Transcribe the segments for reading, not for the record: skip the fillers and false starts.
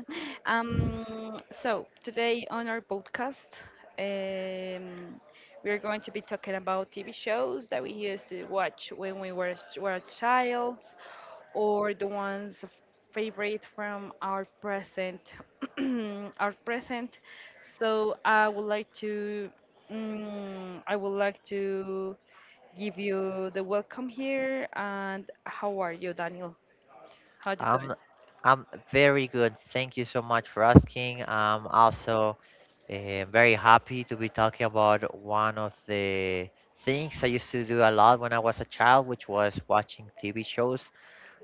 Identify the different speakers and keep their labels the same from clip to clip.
Speaker 1: today on our podcast, um, we're going to be talking about TV shows that we used to watch when we were child or the ones f- favorite from our present. Our present. So, I would like to. I would like to give you the welcome here. And how are you, Daniel? How to do it
Speaker 2: I'm I'm very good. Thank you so much for asking. I'm also very happy to be talking about one of the things I used to do a lot when I was a child, which was watching TV shows.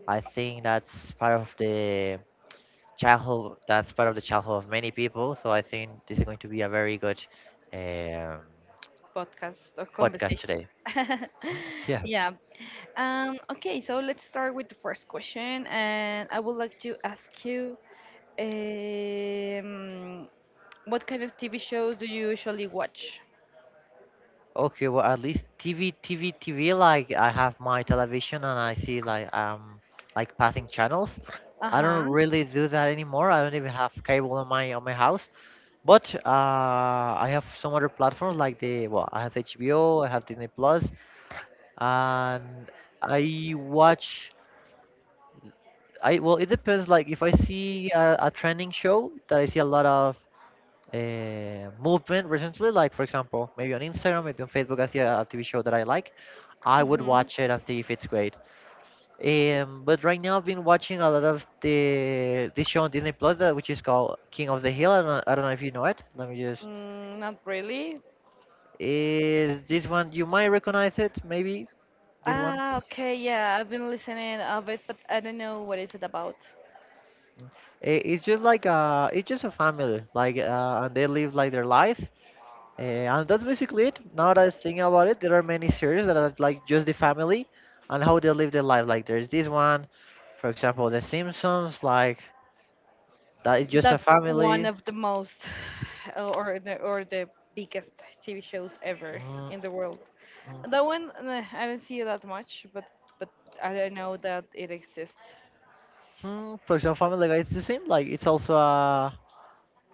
Speaker 2: I think that's part of the childhood. That's part of the childhood of many people. So I think this is going to be a very good um,
Speaker 1: podcast or
Speaker 2: podcast
Speaker 1: conversation?
Speaker 2: today. Mm.
Speaker 1: Yeah. Okay, so let's start with the first question, and I would like to ask you, um, what kind of TV shows do you usually watch?
Speaker 2: Okay, well at least TV. Like I have my television and I see like passing channels.
Speaker 1: Uh
Speaker 2: I don't
Speaker 1: huh.
Speaker 2: really do that anymore. I don't even have cable on my house. But I have some other platforms like the well, I have HBO, I have Disney Plus, and I watch. I well, it depends. Like if I see a trending show that I see a lot of movement recently, like for example, maybe on Instagram, maybe on Facebook, I see a, TV show that I like, I would
Speaker 1: Mm-hmm.
Speaker 2: watch it and see if it's great. But right now, I've been watching a lot of the this show on Disney Plus, that, which is called King of the Hill. I don't know if you know it. Let me just.
Speaker 1: Mm, not really.
Speaker 2: Is this one you might recognize it? Maybe this one.
Speaker 1: Ah, okay, yeah, I've been listening of it, but I don't know what is it about.
Speaker 2: It's just like a, it's just a family, like, and they live like their life. And that's basically it. Now that I think about it, there are many series that are like just the family and how they live their life. Like there's this one, for example, The Simpsons. Like that is just a
Speaker 1: That's one
Speaker 2: family.
Speaker 1: of the most, or the biggest TV shows ever
Speaker 2: Mm,
Speaker 1: in the world.
Speaker 2: mm,
Speaker 1: That one, nah, I didn't see it that much, but I don't know that it exists.
Speaker 2: mm. For example, Family Guy is the same. Like it's also a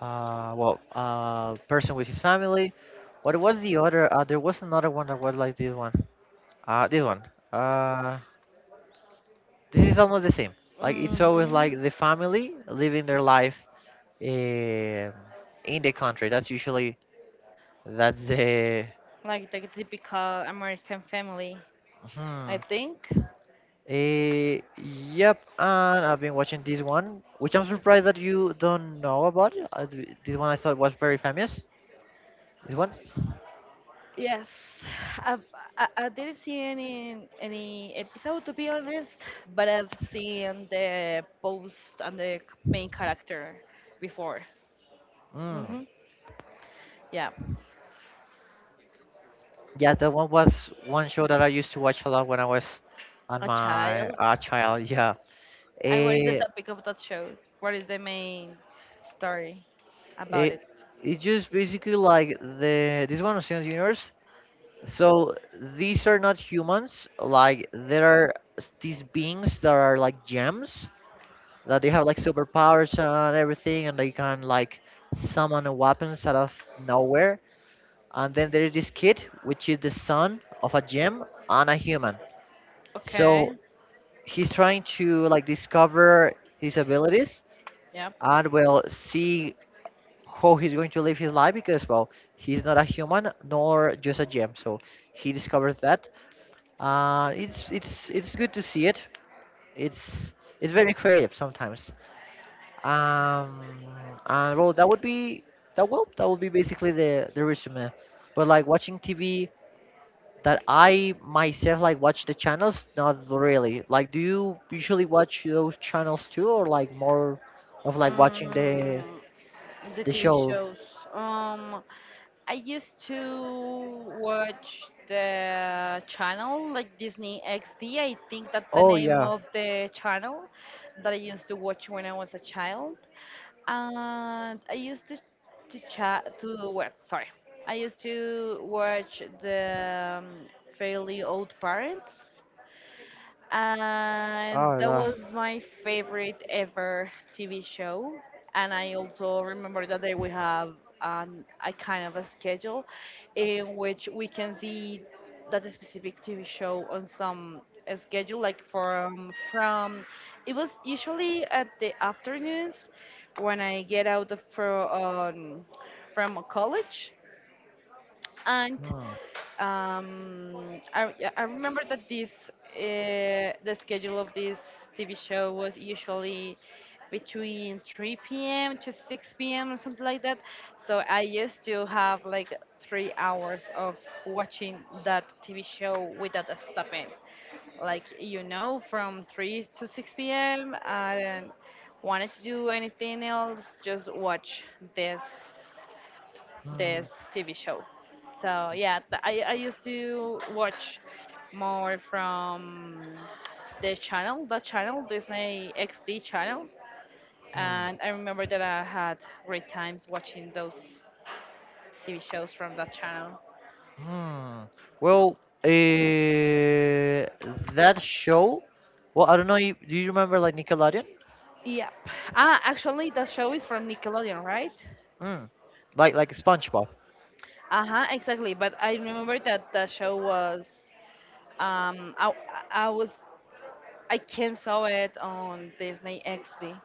Speaker 2: well, a person with his family. What was the other? There was another one that was like this one. This one. Uh, this is almost the same. Like it's always
Speaker 1: hmm
Speaker 2: like the family living their life, eh, in the country. That's usually. That's the.
Speaker 1: Like the typical American family, I
Speaker 2: Hmm.
Speaker 1: think.
Speaker 2: Yep, and I've been watching this one, which I'm surprised that you don't know about. This one I thought was very famous. This one,
Speaker 1: Yes, I, I didn't see any episode, to be honest, but I've seen the post and the main character before.
Speaker 2: mm.
Speaker 1: hmm Yeah,
Speaker 2: Yeah, that one was one show that I used to watch a lot when I was on
Speaker 1: a
Speaker 2: my
Speaker 1: child.
Speaker 2: child. Yeah,
Speaker 1: And what is the
Speaker 2: eh,
Speaker 1: topic of that show? What is the main story
Speaker 2: eh,
Speaker 1: about
Speaker 2: it,
Speaker 1: it?
Speaker 2: it's just basically like the this one of Steven Universe. So these are not humans. Like these beings that are like gems that they have like superpowers and everything, and they can like summon a weapons out of nowhere. And then there is this kid, which is the son of a gem and a human.
Speaker 1: Okay.
Speaker 2: So he's trying to like discover his abilities
Speaker 1: Yeah.
Speaker 2: and will see how he's going to live his life because well he's not a human nor just a gem so he discovers that. It's it's good to see it. It's it's very creative sometimes. Um, and well, that would be basically the resume. But like watching TV, that I myself like watch the channels, not really. Like, do you usually watch those channels too, or like more of like watching
Speaker 1: Mm, the
Speaker 2: the
Speaker 1: TV
Speaker 2: show?
Speaker 1: shows. Um, I used to watch the channel like Disney XD. I think that's the
Speaker 2: Oh
Speaker 1: name
Speaker 2: yeah.
Speaker 1: of the channel that I used to watch when I was a child. And I used to chat to well, sorry. I used to watch the Fairly Old Parents, and
Speaker 2: Oh
Speaker 1: that
Speaker 2: yeah.
Speaker 1: was my favorite ever TV show. And I also remember that they we have a kind of a schedule in which we can see that specific TV show on some schedule, like from it was usually at the afternoons when I get out of, from college. And.
Speaker 2: Hmm.
Speaker 1: Yeah, I remember that this the schedule of this TV show was usually between 3 p.m. to 6 p.m., or something like that. So I used to have like three hours of watching that TV show without stopping. Like you know, from 3 to 6 p.m. I didn't wanted to do anything else, just watch this
Speaker 2: Hmm.
Speaker 1: this TV show. So yeah, I used to watch more from the channel, Disney XD channel. And
Speaker 2: Hmm.
Speaker 1: I remember that I had great times watching those TV shows from that channel.
Speaker 2: Hmm. Well, uh, that show. Well, I don't know. You, do you remember like Nickelodeon?
Speaker 1: Yep. Ah, actually, that show is from Nickelodeon, right?
Speaker 2: Mm. Like SpongeBob.
Speaker 1: Uh huh, exactly. But I remember that the show was, um, I, I was, I can saw it on Disney XD.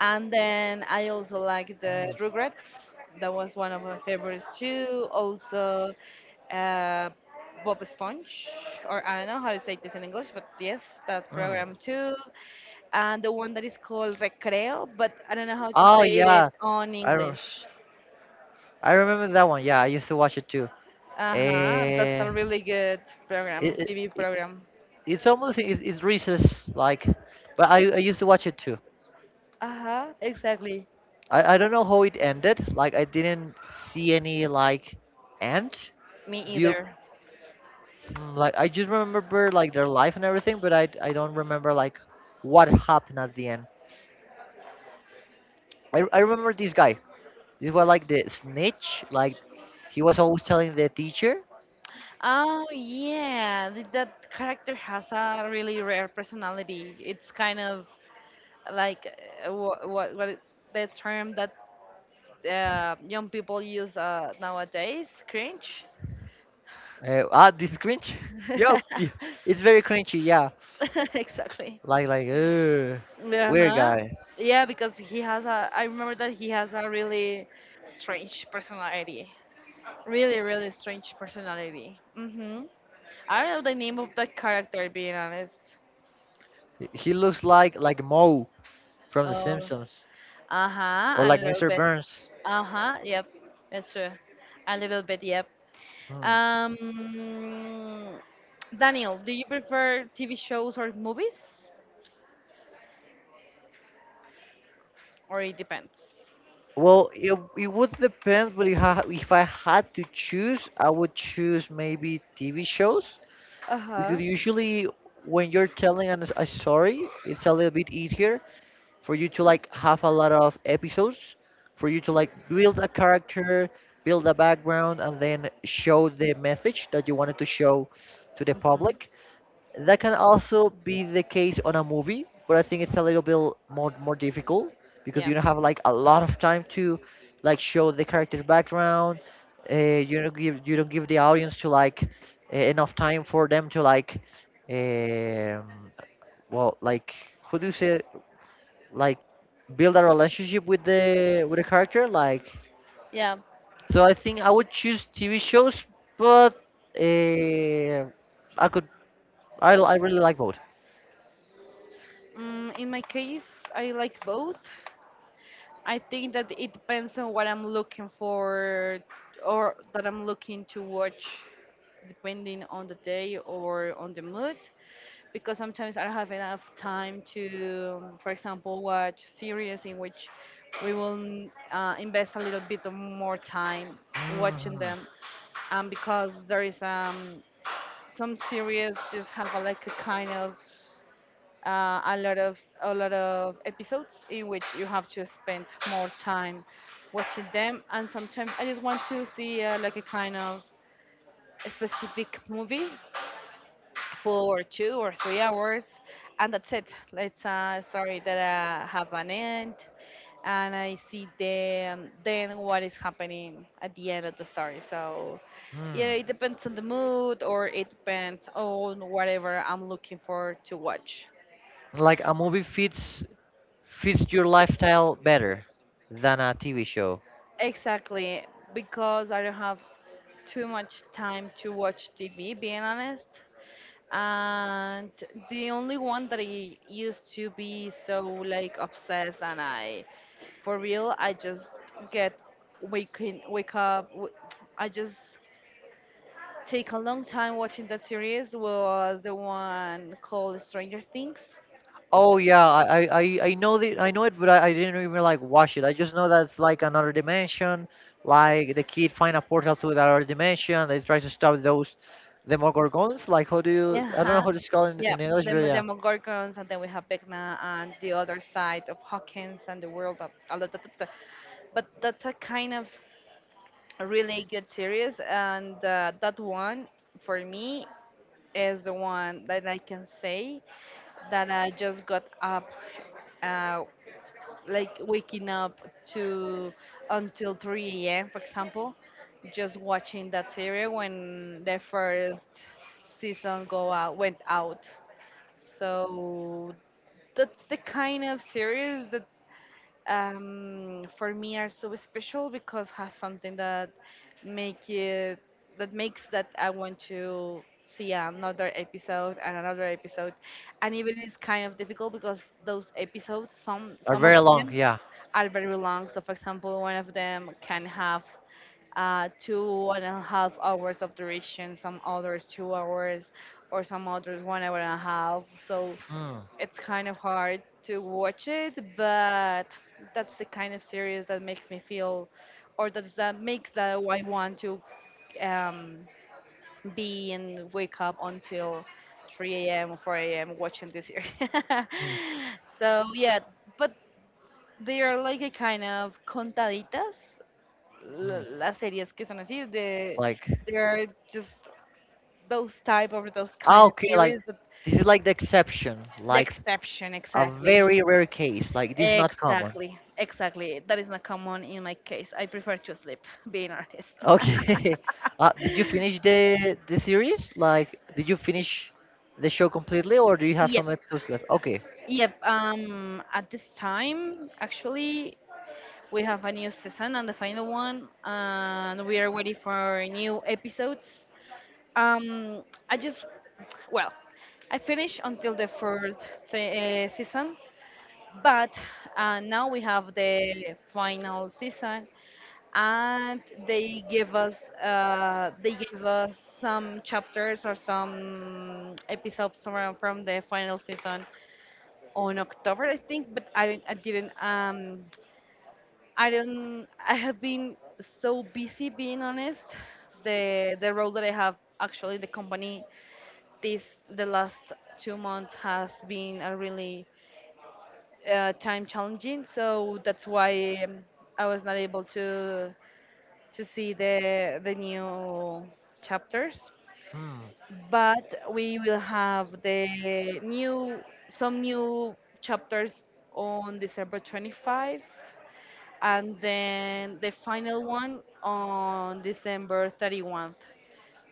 Speaker 1: And then I also like the
Speaker 2: Mm.
Speaker 1: Rugrats. That was one of my favorites too. Also, uh, Bob Esponge, or I don't know how to say this in English, but yes, that
Speaker 2: Mm.
Speaker 1: program too. And the one that is called Recreo, but I don't know how to
Speaker 2: Oh
Speaker 1: say it
Speaker 2: yeah,
Speaker 1: on
Speaker 2: I re-
Speaker 1: English.
Speaker 2: I remember that one. Yeah, I used to watch it too.
Speaker 1: Uh huh. That's a
Speaker 2: Uh, it,
Speaker 1: really good program,
Speaker 2: it,
Speaker 1: TV
Speaker 2: it
Speaker 1: program.
Speaker 2: it's almost it's Reese's like, but I used to watch it too.
Speaker 1: Uh huh. Exactly.
Speaker 2: I don't know how it ended. Like I didn't see any like end.
Speaker 1: Me
Speaker 2: Do you
Speaker 1: either.
Speaker 2: Mm, like I just remember like their life and everything, but I don't remember like what happened at the end. I remember this guy. This was like the snitch. Like he was always telling the teacher.
Speaker 1: Oh yeah, that character has a really rare personality. It's kind of like what the term that young people use nowadays, cringe.
Speaker 2: This is cringe. Yeah, yeah, it's very cringy. Yeah,
Speaker 1: Exactly.
Speaker 2: like weird
Speaker 1: Uh-huh.
Speaker 2: guy.
Speaker 1: Yeah, because he has a. I remember that he has a really strange personality. Really, really strange personality. Mm-hmm. I don't know the name of that character, being honest.
Speaker 2: He looks like Moe from The Simpsons
Speaker 1: Uh-huh,
Speaker 2: or
Speaker 1: a
Speaker 2: like
Speaker 1: little
Speaker 2: Mr.
Speaker 1: bit.
Speaker 2: Burns.
Speaker 1: Uh-huh, yep. That's true. A little bit, yep.
Speaker 2: Hmm.
Speaker 1: Um, Daniel, do you prefer TV shows or movies? Or it depends?
Speaker 2: Well, it would depend, but if I had to choose, I would choose maybe TV shows
Speaker 1: Uh
Speaker 2: because
Speaker 1: huh.
Speaker 2: usually when you're telling a story it's a little bit easier for you to like have a lot of episodes for you to like build a character build a background and then show the message that you wanted to show to the
Speaker 1: Mm-hmm.
Speaker 2: public that can also be the case on a movie, but I think it's a little bit more difficult because
Speaker 1: Yeah.
Speaker 2: you don't have like a lot of time to like show the character background. Uh, you don't give the audience to like enough time for them to like um, well like who do you say like build a relationship with the character like
Speaker 1: Yeah.
Speaker 2: so I think I would choose TV shows, but uh, I could I really like both.
Speaker 1: Mm, in my case, I like both. I think that it depends on what I'm looking for, or that I'm looking to watch, depending on the day or on the mood. Because sometimes I don't have enough time to, for example, watch series in which we will invest a little bit of more time watching
Speaker 2: Mhm.
Speaker 1: them, and because there is some series just have a, like a kind of a lot of episodes in which you have to spend more time watching them, and sometimes I just want to see like a kind of a specific movie for two or three hours, and that's it. It's a story that have an end, and I see then what is happening at the end of the story. So
Speaker 2: Hmm.
Speaker 1: yeah, it depends on the mood, or it depends on whatever I'm looking for to watch.
Speaker 2: Like a movie fits fits your lifestyle better than a TV show.
Speaker 1: Exactly, because I don't have too much time to watch TV, being honest. And the only one that I used to be so like obsessed and I for real I just get waking wake up w- I just take a long time watching that series was the one called Stranger Things.
Speaker 2: Oh yeah, I know the I know it, but I didn't even like watch it. I just know that it's like another dimension. Like the kid find a portal to another dimension. They try to stop those demogorgons. Like how do you?
Speaker 1: Yeah.
Speaker 2: I don't know how to spell in
Speaker 1: Yep,
Speaker 2: English,
Speaker 1: the
Speaker 2: but yeah,
Speaker 1: Demogorgons, and then we have Vecna and the other side of Hawkins and the world of a lot of But that's a kind of a really good series, and that one for me is the one that I can say that I just got up, uh, like waking up to until 3 a.m., for example, just watching that series when the first season go out went out. So that's the kind of series that for me are so special because has something that make it that makes that I want to see another episode, and even it's kind of difficult because those episodes
Speaker 2: are
Speaker 1: some of
Speaker 2: very long.
Speaker 1: them
Speaker 2: Yeah.
Speaker 1: are very long. So for example, one of them can have two and a half hours of duration, some others two hours, or some others one hour and a half. So
Speaker 2: Hmm.
Speaker 1: it's kind of hard to watch it, but that's the kind of series that makes me feel, or that's that makes that I want to um, be and wake up until 3 a.m., 4 a.m. watching this series.
Speaker 2: Hmm.
Speaker 1: So yeah, but they are like a kind of contaditas.
Speaker 2: Hmm.
Speaker 1: Las series que son así, de,
Speaker 2: Like
Speaker 1: they're just those
Speaker 2: ah,
Speaker 1: kind of
Speaker 2: okay, like
Speaker 1: series, that,
Speaker 2: this is like the exception.
Speaker 1: the
Speaker 2: Like
Speaker 1: exception
Speaker 2: a
Speaker 1: exactly.
Speaker 2: very rare case. Like this is not common.
Speaker 1: Exactly, exactly. That is not common in my case. I prefer to sleep, being honest.
Speaker 2: Okay. Did you finish the series? Like, did you finish the show completely, or do you have
Speaker 1: Yep,
Speaker 2: some episodes left? Okay.
Speaker 1: yep. At this time, actually, we have a new season and the final one, and we are waiting for new episodes. Um, I just, well, I finished until the fourth season, but now we have the final season, and they give us they gave us some chapters or some episodes from the final season on October, I think. But I didn't- I didn't I don't I have been so busy, being honest. The role that I have actually in the company this the last two months has been a really time challenging. So that's why I was not able to. To see the new chapters,
Speaker 2: Hmm.
Speaker 1: but we will have the new some new chapters on December 25, and then the final one on December 31st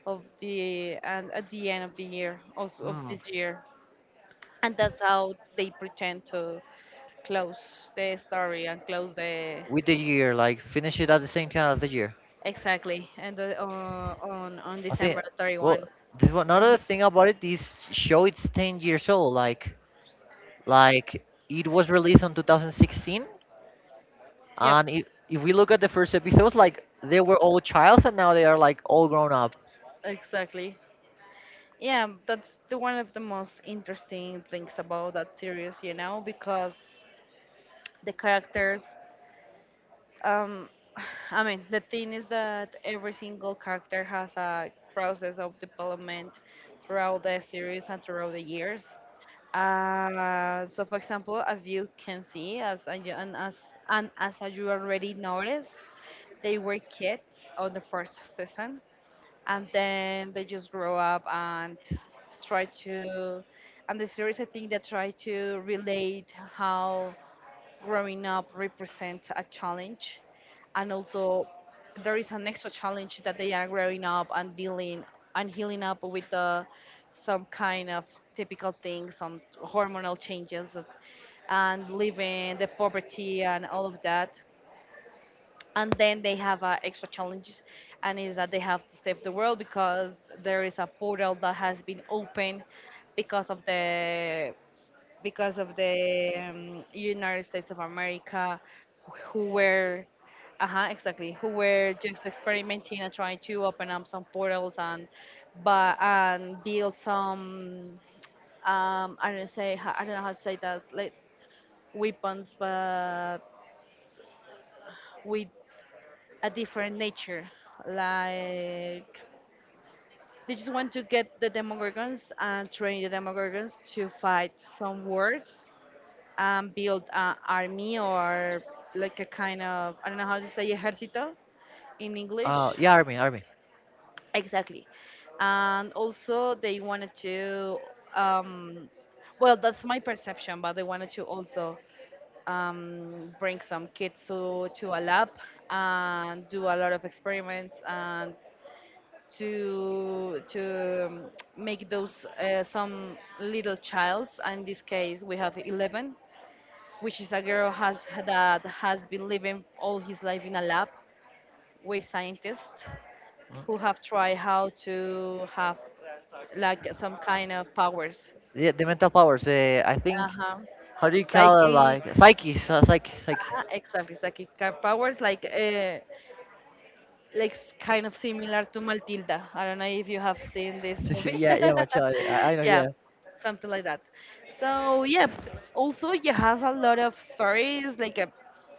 Speaker 1: of the and at the end of the year, also of
Speaker 2: Hmm.
Speaker 1: this year, and that's how they pretend to close the story and close the
Speaker 2: With the year, like finish it at the same time as the year.
Speaker 1: exactly and the, on
Speaker 2: I think
Speaker 1: December
Speaker 2: well,
Speaker 1: 31
Speaker 2: this one, another
Speaker 1: Mm-hmm.
Speaker 2: thing about it, this show it's 10 years old. Like it was released on 2016,
Speaker 1: Yep,
Speaker 2: and if we look at the first episodes, like they were all childs, and now they are like all grown up.
Speaker 1: exactly. Yeah, that's the one of the most interesting things about that series, you know, because the characters, um, I mean, the thing is that every single character has a process of development throughout the series and throughout the years. So, for example, as you can see, as and, you- and as you already noticed, they were kids on the first season, and then they just grow up and try to and the series I think that try to relate how growing up represents a challenge. And also there is an extra challenge, that they are growing up and dealing and healing up with the some kind of typical things, some hormonal changes, and living the poverty and all of that, and then they have extra challenges, and is that they have to save the world because there is a portal that has been opened because of the because of the United States of America, who were uh-huh exactly who were just experimenting and trying to open up some portals and build some I don't know how to say that, like weapons, but with a different nature. Like they just want to get the Demogorgons and train the Demogorgons to fight some wars and build an army or like a kind of I don't know how to say ejército in English.
Speaker 2: Yeah, army, army.
Speaker 1: Exactly. And also they wanted to um, well that's my perception, but they wanted to also bring some kids to a lab and do a lot of experiments and to make those some little childs, and in this case we have 11, which is a girl has that has been living all his life in a lab with scientists who have tried how to have like some kind of powers.
Speaker 2: The mental powers. I think
Speaker 1: Uh-huh.
Speaker 2: how do you call it?
Speaker 1: Psychic.
Speaker 2: Like psyches, psyche.
Speaker 1: Exactly, psychic powers like kind of similar to Matilda. I don't know if you have seen this movie.
Speaker 2: Yeah, yeah, my child. I know.
Speaker 1: Yeah,
Speaker 2: Yeah.
Speaker 1: something like that. So yeah, also it has a lot of stories.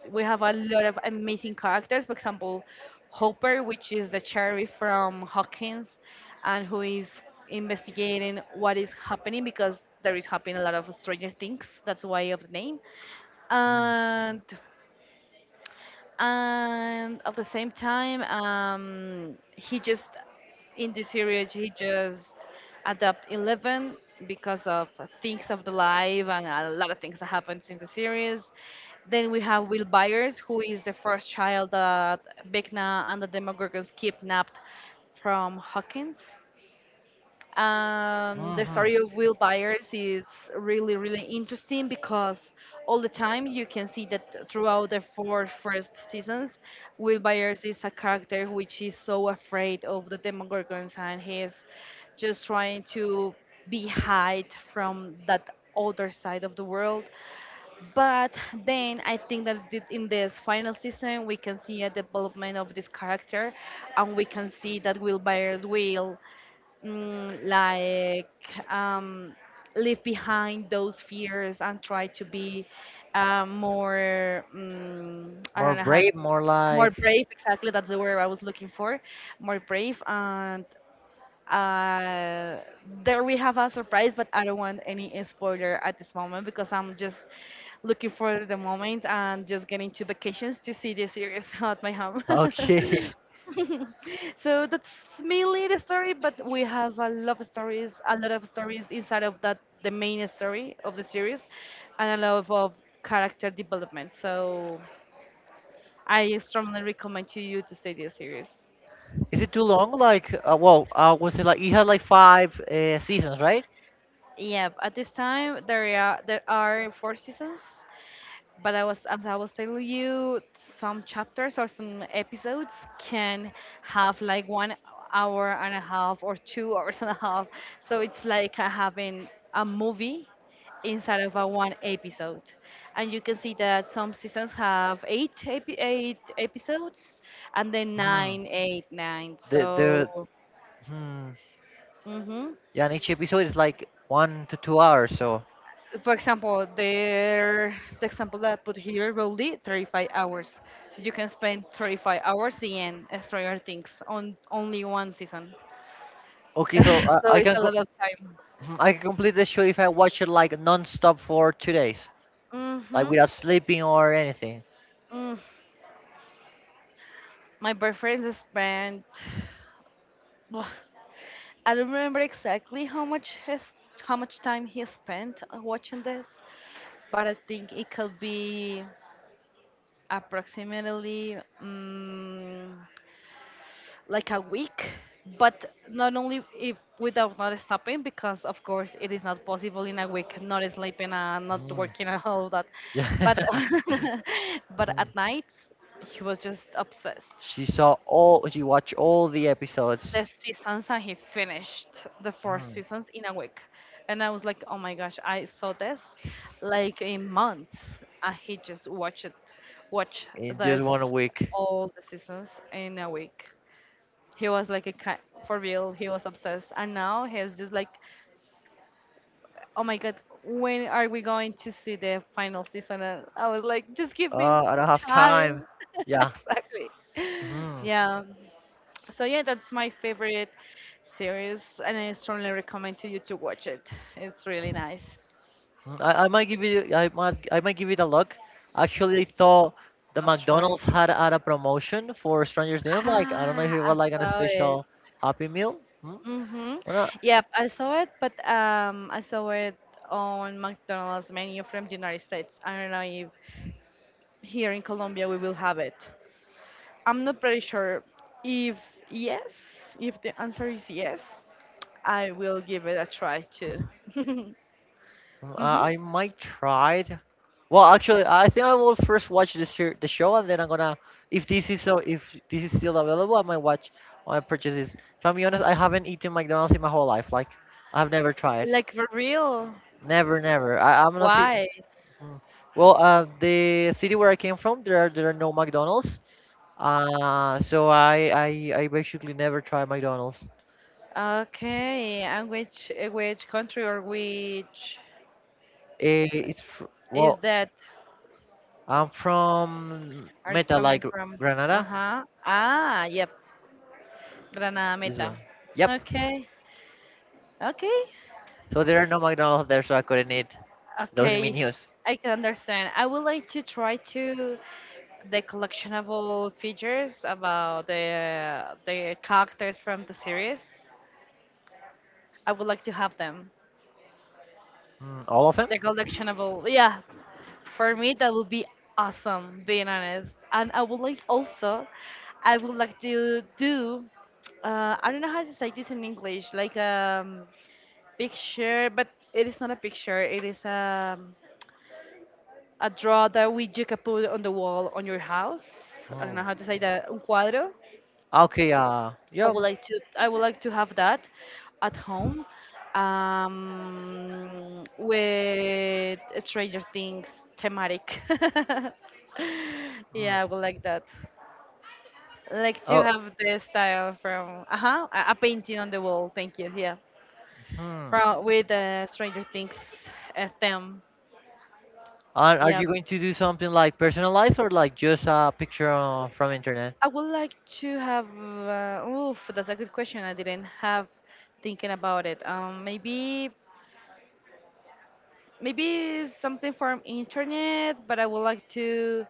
Speaker 1: We have a lot of amazing characters. For example, Hopper, which is the sheriff from Hawkins, and who is investigating what is happening, because there is happening a lot of stranger things. That's why of the name. And at the same time, he just, in the series, he just adapt 11 because of things of the life and a lot of things that happens in the series. Then we have Will Byers, who is the first child that Vecna and the Demogorgons kidnapped from Hawkins. The
Speaker 2: Mm-hmm.
Speaker 1: story of Will Byers is really, really interesting, because all the time you can see that throughout the four first seasons, Will Byers is a character which is so afraid of the Demogorgons, and he's just trying to be hide from that other side of the world. But then I think that in this final season we can see a development of this character, and we can see that Will Byers will mm, like um, leave behind those fears and try to be more, I
Speaker 2: More
Speaker 1: don't know how.
Speaker 2: brave, more
Speaker 1: More
Speaker 2: like
Speaker 1: brave, exactly, that's the word I was looking for. More brave, and uh, there we have a surprise, but I don't want any spoiler at this moment because I'm just looking for the moment and just getting to vacations to see the series at my home.
Speaker 2: okay.
Speaker 1: So that's mainly the story, but we have a lot of stories, a lot of stories inside of that, the main story of the series, and a lot of character development. So I strongly recommend to you to see this series.
Speaker 2: Is it too long? Like, was it like it had like five seasons, right?
Speaker 1: Yeah, at this time there are four seasons, but I was telling you, some chapters or some episodes can have like 1 hour and a half or two hours and a half. So it's like having a movie inside of a one episode, and you can see that some seasons have eight eight episodes, and then
Speaker 2: Hmm.
Speaker 1: nine, eight, nine.
Speaker 2: The.
Speaker 1: So.
Speaker 2: Hmm.
Speaker 1: Mm-hmm.
Speaker 2: Yeah, and each episode is like 1 to 2 hours. So
Speaker 1: For example, the example that I put here, roughly 35 hours. So you can spend 35 hours in Stranger Things on only one season.
Speaker 2: okay, so I
Speaker 1: So
Speaker 2: I
Speaker 1: it's
Speaker 2: can
Speaker 1: a
Speaker 2: go.
Speaker 1: lot of time.
Speaker 2: Mhm, I can complete the show if I watch it like non-stop for 2 days, like
Speaker 1: Mm-hmm.
Speaker 2: without sleeping or anything.
Speaker 1: Mm. My boyfriend spent. Ugh, I don't remember exactly how much time he spent watching this, but I think it could be approximately. mm like a week, but not only if without not stopping, because of course it is not possible in a week not sleeping and not
Speaker 2: Mm.
Speaker 1: working and all that, but but at night he was just obsessed.
Speaker 2: She saw all, she watched all the episodes.
Speaker 1: The seasons, and he finished the four
Speaker 2: Mm.
Speaker 1: seasons in a week, and I was like, oh my gosh, I saw this like in months, and he just watched it watch
Speaker 2: In just
Speaker 1: this,
Speaker 2: 1 week.
Speaker 1: all the seasons in a week. He was like a for real, he was obsessed, and now he's just like, oh my god, when are we going to see the final season? And I was like, just give me
Speaker 2: Oh, I don't have time.
Speaker 1: time.
Speaker 2: Yeah,
Speaker 1: Exactly.
Speaker 2: mm, mhm,
Speaker 1: Yeah, so yeah, that's my favorite series, and I strongly recommend to you to watch it. It's really nice.
Speaker 2: I might give it a look. Actually, thought the
Speaker 1: I'll try.
Speaker 2: McDonald's had a promotion for Stranger Things. Like I don't know
Speaker 1: Ah,
Speaker 2: if it
Speaker 1: I
Speaker 2: was like an
Speaker 1: saw it.
Speaker 2: special Happy Meal. Hmm?
Speaker 1: Mm-hmm.
Speaker 2: Well,
Speaker 1: Yeah, I saw it, but I saw it on McDonald's menu from the United States. I don't know if here in Colombia we will have it. I'm not pretty sure if, yes, if the answer is yes, I will give it a try too. Hmm.
Speaker 2: mm, I might try it. Well, actually, I think I will first watch this here, the show, and then I'm gonna. If this is so, if this is still available, I might watch I purchase this. If I'm being honest, I haven't eaten McDonald's in my whole life. Like, I've never tried.
Speaker 1: Like, for real?
Speaker 2: Never, never. I'm not. Fe-
Speaker 1: Why?
Speaker 2: Mm. Well, the city where I came from, there are no McDonald's. Uh, so I I, I basically never try McDonald's.
Speaker 1: Okay, and which country or which is
Speaker 2: Well,
Speaker 1: that
Speaker 2: I'm from
Speaker 1: are you
Speaker 2: Meta,
Speaker 1: coming
Speaker 2: like
Speaker 1: from?
Speaker 2: Granada.
Speaker 1: Uh-huh. Ah, yep. Granada
Speaker 2: Is
Speaker 1: Meta.
Speaker 2: Yep.
Speaker 1: Okay. Okay.
Speaker 2: So there are no McDonald's there, so I couldn't eat those
Speaker 1: Okay.
Speaker 2: menus.
Speaker 1: I can understand. I would like to try to, the collectionable features about the characters from the series. I would like to have them.
Speaker 2: Mm, all of them?
Speaker 1: The collectionable, yeah. For me, that would be awesome, being honest. And I would like also, I would like to do. I don't know how to say this in English, like a picture, but it is not a picture. It is a draw that we you can put on the wall on your house. I don't know
Speaker 2: Mm.
Speaker 1: how to say that. Un cuadro.
Speaker 2: Okay, yeah.
Speaker 1: I would like to have that at home, with Stranger Things thematic. Yeah, I
Speaker 2: Mm.
Speaker 1: would like that. Like to
Speaker 2: Oh,
Speaker 1: have the style from, uh-huh, a painting on the wall. Thank you. Yeah,
Speaker 2: hmm.
Speaker 1: from, with Stranger Things theme.
Speaker 2: Are
Speaker 1: Yeah,
Speaker 2: you going to do something like personalized or like just a picture from internet?
Speaker 1: I would like to have. Oof, that's a good question. I didn't have thinking about it. Maybe maybe something from internet, but I would like to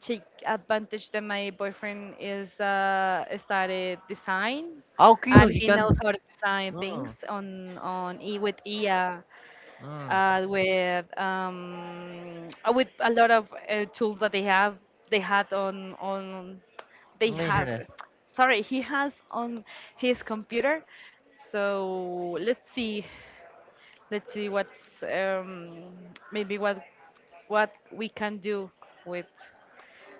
Speaker 1: take advantage that my boyfriend is started design,
Speaker 2: Okay, so
Speaker 1: and
Speaker 2: he
Speaker 1: he
Speaker 2: can.
Speaker 1: knows how to design things
Speaker 2: Mm,
Speaker 1: on e with AI,
Speaker 2: mm,
Speaker 1: with a lot of tools that they have they had on they
Speaker 2: on the
Speaker 1: have
Speaker 2: internet.
Speaker 1: sorry, he has on his computer. So let's see, what's maybe what we can do with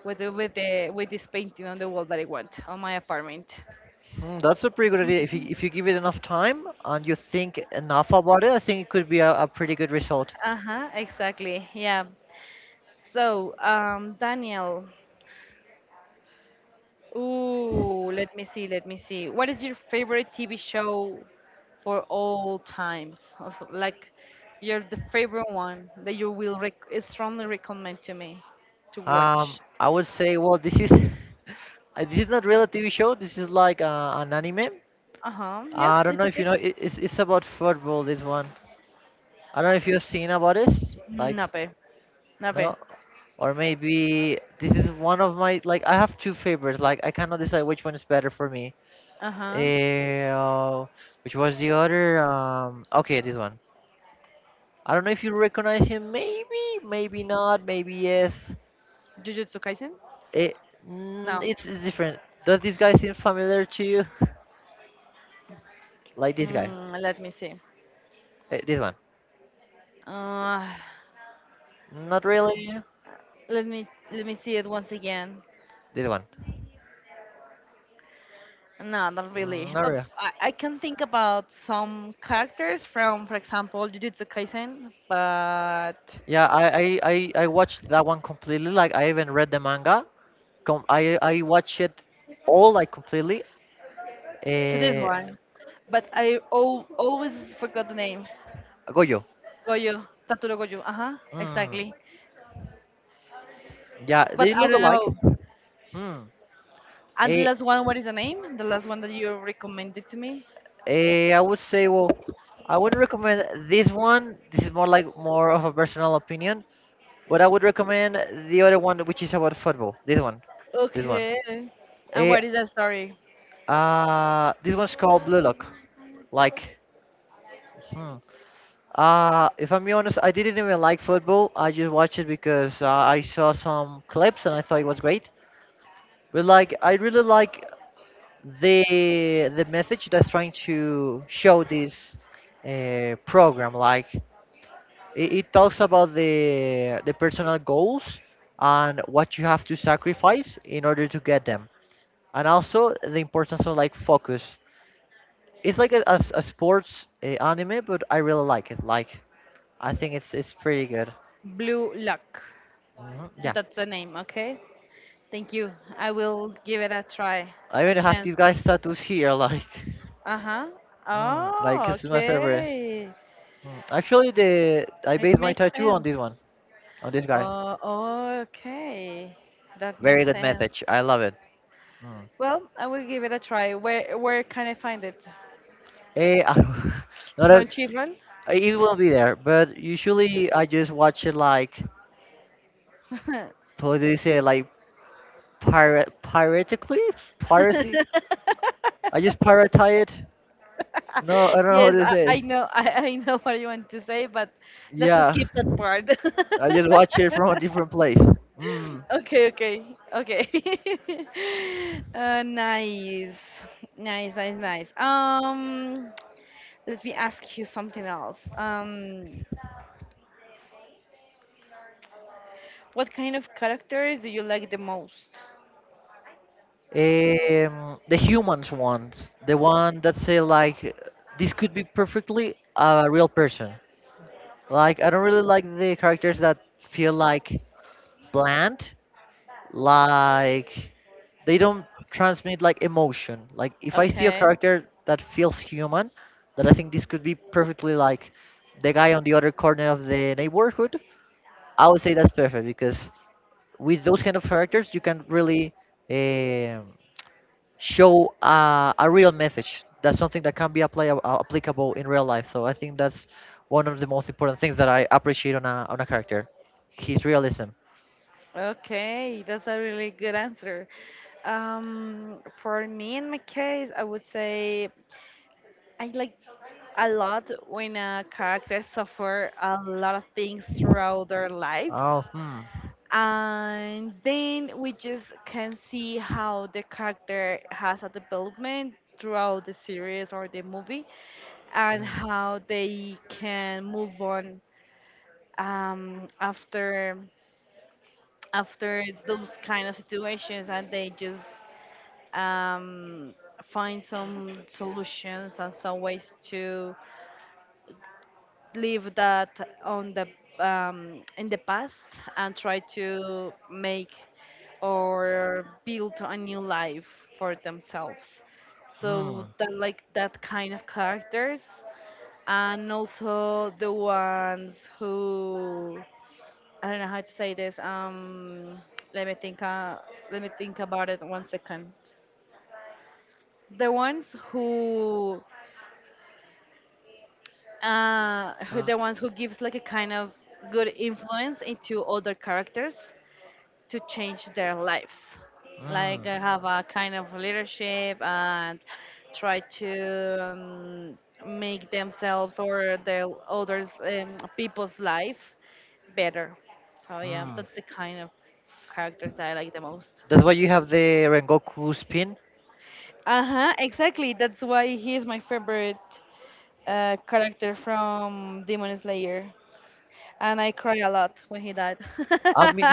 Speaker 1: with the, with the with this painting on the wall that I want on my apartment.
Speaker 2: Mm, that's a pretty good idea. If
Speaker 1: Mhm.
Speaker 2: you give it enough time and you think enough about it, I think it could be a pretty good result.
Speaker 1: Uh-huh, exactly. Yeah. So, Daniel, ooh, let me see, let me see. What is your favorite TV show for all times? Also, like your the favorite one that you will strongly recommend to me to watch.
Speaker 2: I would say, well, this is this is not really a TV show. This is like an anime.
Speaker 1: Uh-huh. Yep,
Speaker 2: I don't
Speaker 1: it's
Speaker 2: know if you
Speaker 1: okay.
Speaker 2: know. It's about football. This one. I don't know if you've seen about this. Like
Speaker 1: Nope. A. Uh-huh.
Speaker 2: no, or maybe this is one of my like. I have two favorites. Like I cannot decide which one is better for me. Uh, which was the other? Okay, this one. I don't know if you recognize him. Maybe, maybe not. Maybe yes.
Speaker 1: Jujutsu Kaisen?
Speaker 2: It, mm,
Speaker 1: No.
Speaker 2: it's different. Does this guy seem familiar to you? Like this guy.
Speaker 1: Mm, let me see.
Speaker 2: This one.
Speaker 1: Uh,
Speaker 2: Not really.
Speaker 1: let me see it once again.
Speaker 2: This one.
Speaker 1: No, not
Speaker 2: Mm,
Speaker 1: really.
Speaker 2: not really.
Speaker 1: I can think about some characters from, for example, Jujutsu Kaisen, but
Speaker 2: Yeah, I watched that one completely. Like I even read the manga. I watched it all like completely.
Speaker 1: to this
Speaker 2: Eh,
Speaker 1: one. But I al always forgot the name.
Speaker 2: Goyo.
Speaker 1: Gojo, Satoru Gojo. Uh-huh,
Speaker 2: Mm,
Speaker 1: exactly.
Speaker 2: yeah,
Speaker 1: But
Speaker 2: they
Speaker 1: I
Speaker 2: look
Speaker 1: don't
Speaker 2: alike.
Speaker 1: know.
Speaker 2: Hmm.
Speaker 1: And the
Speaker 2: Eh,
Speaker 1: last one, what is the name? The last one that you recommended to me?
Speaker 2: I would say I wouldn't recommend this one. This is more like more of a personal opinion. But I would recommend the other one, which is about football. This one, this one.
Speaker 1: Okay. And
Speaker 2: Eh,
Speaker 1: what is that story?
Speaker 2: this one's called Blue Lock. Like, hmm. If I'm being honest, I didn't even like football. I just watched it because I saw some clips and I thought it was great. But like, I really like the message that's trying to show this program. Like, it talks about the personal goals and what you have to sacrifice in order to get them, and also the importance of like focus. It's like a sports anime, but I really like it. Like, I think it's pretty good.
Speaker 1: Blue Luck.
Speaker 2: Mhm.
Speaker 1: That's the name, okay? Thank you. I will give it a try,
Speaker 2: I
Speaker 1: a
Speaker 2: even have
Speaker 1: chance.
Speaker 2: these guys' tattoos here, like,
Speaker 1: Uh-huh.
Speaker 2: like
Speaker 1: Oh,
Speaker 2: this is my favorite.
Speaker 1: okay.
Speaker 2: Mm. Actually, the I
Speaker 1: It
Speaker 2: based my
Speaker 1: makes
Speaker 2: tattoo on
Speaker 1: sense.
Speaker 2: this one, on this guy.
Speaker 1: Oh, oh, okay. That
Speaker 2: Very
Speaker 1: makes
Speaker 2: good
Speaker 1: sense.
Speaker 2: message. I love it. Mm.
Speaker 1: Well, I will give it a try. Where can I find it?
Speaker 2: I don't- not
Speaker 1: Crunchyroll?
Speaker 2: it will be there, but usually I just watch it like, what do you say, like pirate, piratically, piracy. I just pirate it. No, I don't know how
Speaker 1: Yes,
Speaker 2: to say
Speaker 1: I
Speaker 2: it.
Speaker 1: know, I know what you want to say, but let's
Speaker 2: Yeah,
Speaker 1: skip that part.
Speaker 2: I just watch it from a different place. Mm.
Speaker 1: Okay, okay, okay. Nice, nice, nice, nice. Let me ask you something else. What kind of characters do you like the most?
Speaker 2: The humans ones, the one that say like this could be perfectly a real person. Like I don't really like the characters that feel like bland, like they don't transmit like emotion. Like if I see a
Speaker 1: Okay,
Speaker 2: character that feels human, that I think this could be perfectly like the guy on the other corner of the neighborhood, I would say that's perfect because with those kind of characters you can really um show a real message. That's something that can be applicable in real life. So I think that's one of the most important things that I appreciate on a character, his realism.
Speaker 1: okay, that's a really good answer. For me, in my case, I would say I like a lot when a character suffer a lot of things throughout their lives,
Speaker 2: Oh, hmm.
Speaker 1: and then we just can see how the character has a development throughout the series or the movie, and
Speaker 2: Hmm.
Speaker 1: how they can move on after those kind of situations, and they just um, find some solutions and some ways to leave that on the in the past and try to make or build a new life for themselves.
Speaker 2: Hmm.
Speaker 1: So that, like, that kind of characters, and also the ones who, I don't know how to say this. Let me think. Let me think about it one second. The ones who
Speaker 2: uh,
Speaker 1: the ones who gives like a kind of good influence into other characters to change their lives, like
Speaker 2: Hmm.
Speaker 1: have a kind of leadership and try to make themselves or the others, people's life better. So yeah,
Speaker 2: Hmm.
Speaker 1: that's the kind of characters that I like the most.
Speaker 2: That's why you have the Rengoku spin.
Speaker 1: Uh-huh, exactly, that's why he is my favorite character from Demon Slayer, and I cry a lot when he died.
Speaker 2: Me,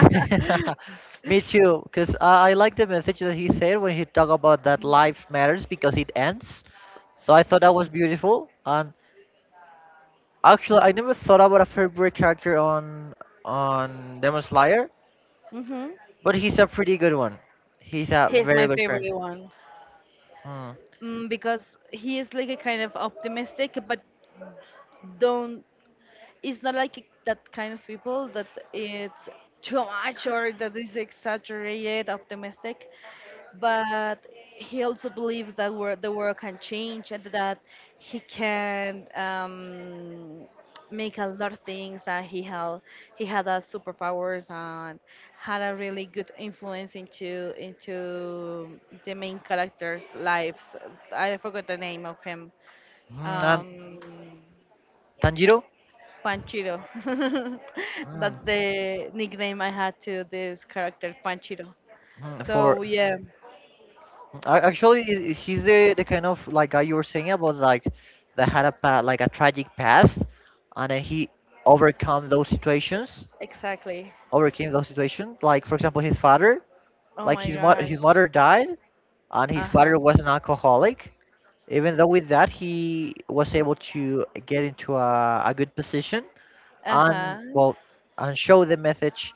Speaker 2: me too, because I like the message that he said when he talked about that life matters because it ends. So I thought that was beautiful. And actually, I never thought about a favorite character on Demon Slayer,
Speaker 1: Hmm.
Speaker 2: but he's a pretty good one. He's a
Speaker 1: He's my
Speaker 2: very good
Speaker 1: favorite
Speaker 2: character.
Speaker 1: one.
Speaker 2: Mm.
Speaker 1: Because he is like a kind of optimistic, but don't. It's not like that kind of people that it's too much or that is exaggerated optimistic. But he also believes that the world can change, and that he can make a lot of things, and he had superpowers and had a really good influence into the main character's lives. I forgot the name of him.
Speaker 2: Mm, and
Speaker 1: um
Speaker 2: Tanjiro?
Speaker 1: Panchiro. That's
Speaker 2: Mm.
Speaker 1: the nickname I had to this character, Panchiro.
Speaker 2: Mm. For
Speaker 1: So yeah,
Speaker 2: a- actually, he's the kind of like guy you were saying about, like that had a like a tragic past, and then he overcome those situations.
Speaker 1: exactly,
Speaker 2: Overcame those situations. Like for example, his father,
Speaker 1: oh
Speaker 2: like
Speaker 1: my
Speaker 2: his
Speaker 1: gosh.
Speaker 2: mother died, and his
Speaker 1: Uh-huh.
Speaker 2: father was an alcoholic. Even though with that, he was able to get into a good position and
Speaker 1: Uh-huh.
Speaker 2: well, and show the message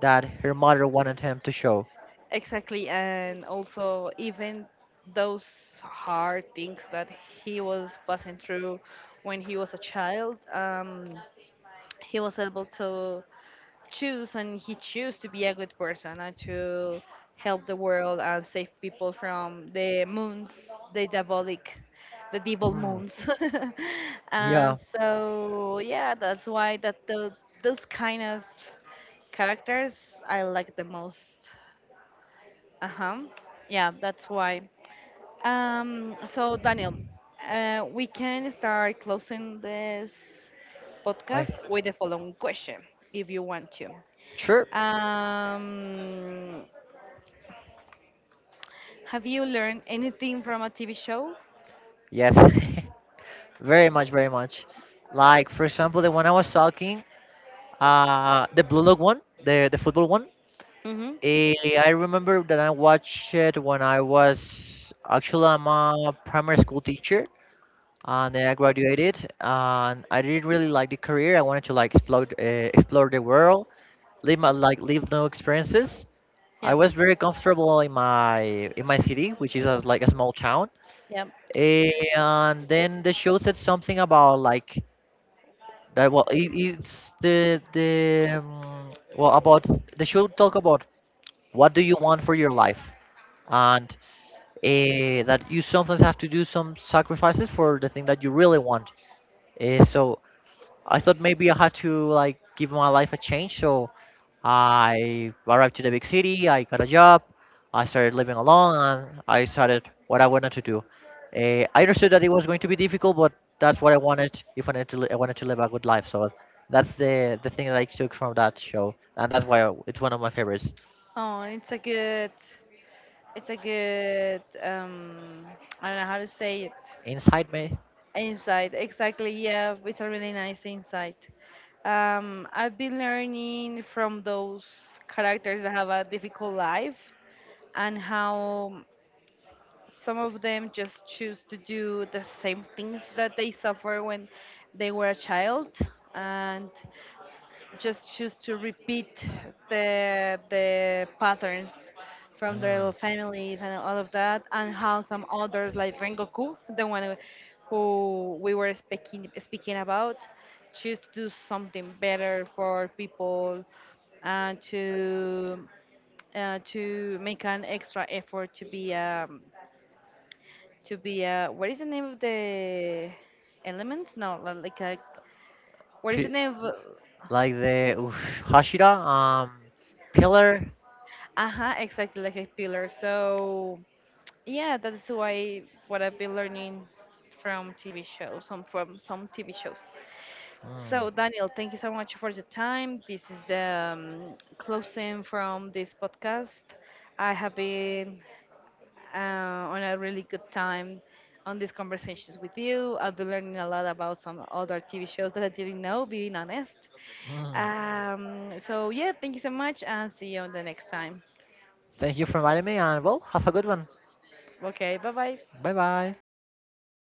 Speaker 2: that her mother wanted him to show.
Speaker 1: Exactly. And also, even those hard things that he was passing through when he was a child, he was able to choose, and he chose to be a good person and to help the world and save people from the moons, the diabolic, the devil
Speaker 2: Mm,
Speaker 1: moons.
Speaker 2: yeah,
Speaker 1: And so yeah, that's why that the, those kind of characters I like the most. Uh huh. Yeah, that's why. So Daniel, we can start closing this
Speaker 2: I
Speaker 1: podcast with the following question, if you want to.
Speaker 2: sure.
Speaker 1: Um, have you learned anything from a TV show?
Speaker 2: Yes, very much, very much. Like for example, the one I was talking, the blue look one, the football one.
Speaker 1: Hmm.
Speaker 2: eh, I remember that I watched it when I was actually I'm a primary school teacher, and then I graduated, and I didn't really like the career. I wanted to like explore, explore the world, live my live new experiences. I
Speaker 1: Yep,
Speaker 2: was very comfortable in my city, which is like a small town.
Speaker 1: yep.
Speaker 2: And then the show said something about like that. Well, it's the well about the show talk about what do you want for your life, and that you sometimes have to do some sacrifices for the thing that you really want. So I thought maybe I had to like give my life a change. So I arrived to the big city. I got a job. I started living alone, and I started what I wanted to do. I understood that it was going to be difficult, but that's what I wanted. If I wanted to, I wanted to live a good life. So that's the thing that I took from that show, and that's why it's one of my favorites.
Speaker 1: Oh, it's a good, it's a good. I don't know how to say it.
Speaker 2: Inside me,
Speaker 1: Insight, exactly. Yeah, it's a really nice insight. I've been learning from those characters that have a difficult life, and how some of them just choose to do the same things that they suffer when they were a child, and just choose to repeat the patterns from their
Speaker 2: mm,
Speaker 1: families and all of that, and how some others, like Rengoku, the one who we were speaking about, choose to do something better for people and to make an extra effort to be a, what is the name of the elements? No, like a, what is the
Speaker 2: pi-
Speaker 1: name of?
Speaker 2: like the oof, Hashira, Pillar.
Speaker 1: Uh huh, exactly, like a pillar. So yeah, that's why, what I've been learning from TV shows, some from some TV shows.
Speaker 2: Mm,
Speaker 1: So Daniel, thank you so much for your time. This is the closing from this podcast. I have been uh, on a really good time on these conversations with you. I'll be learning a lot about some other TV shows that I didn't know, being honest.
Speaker 2: mm.
Speaker 1: So, yeah, thank you so much and see you on the next time.
Speaker 2: Thank you for inviting me, and well, have a good one.
Speaker 1: Okay, bye bye.
Speaker 2: 拜拜。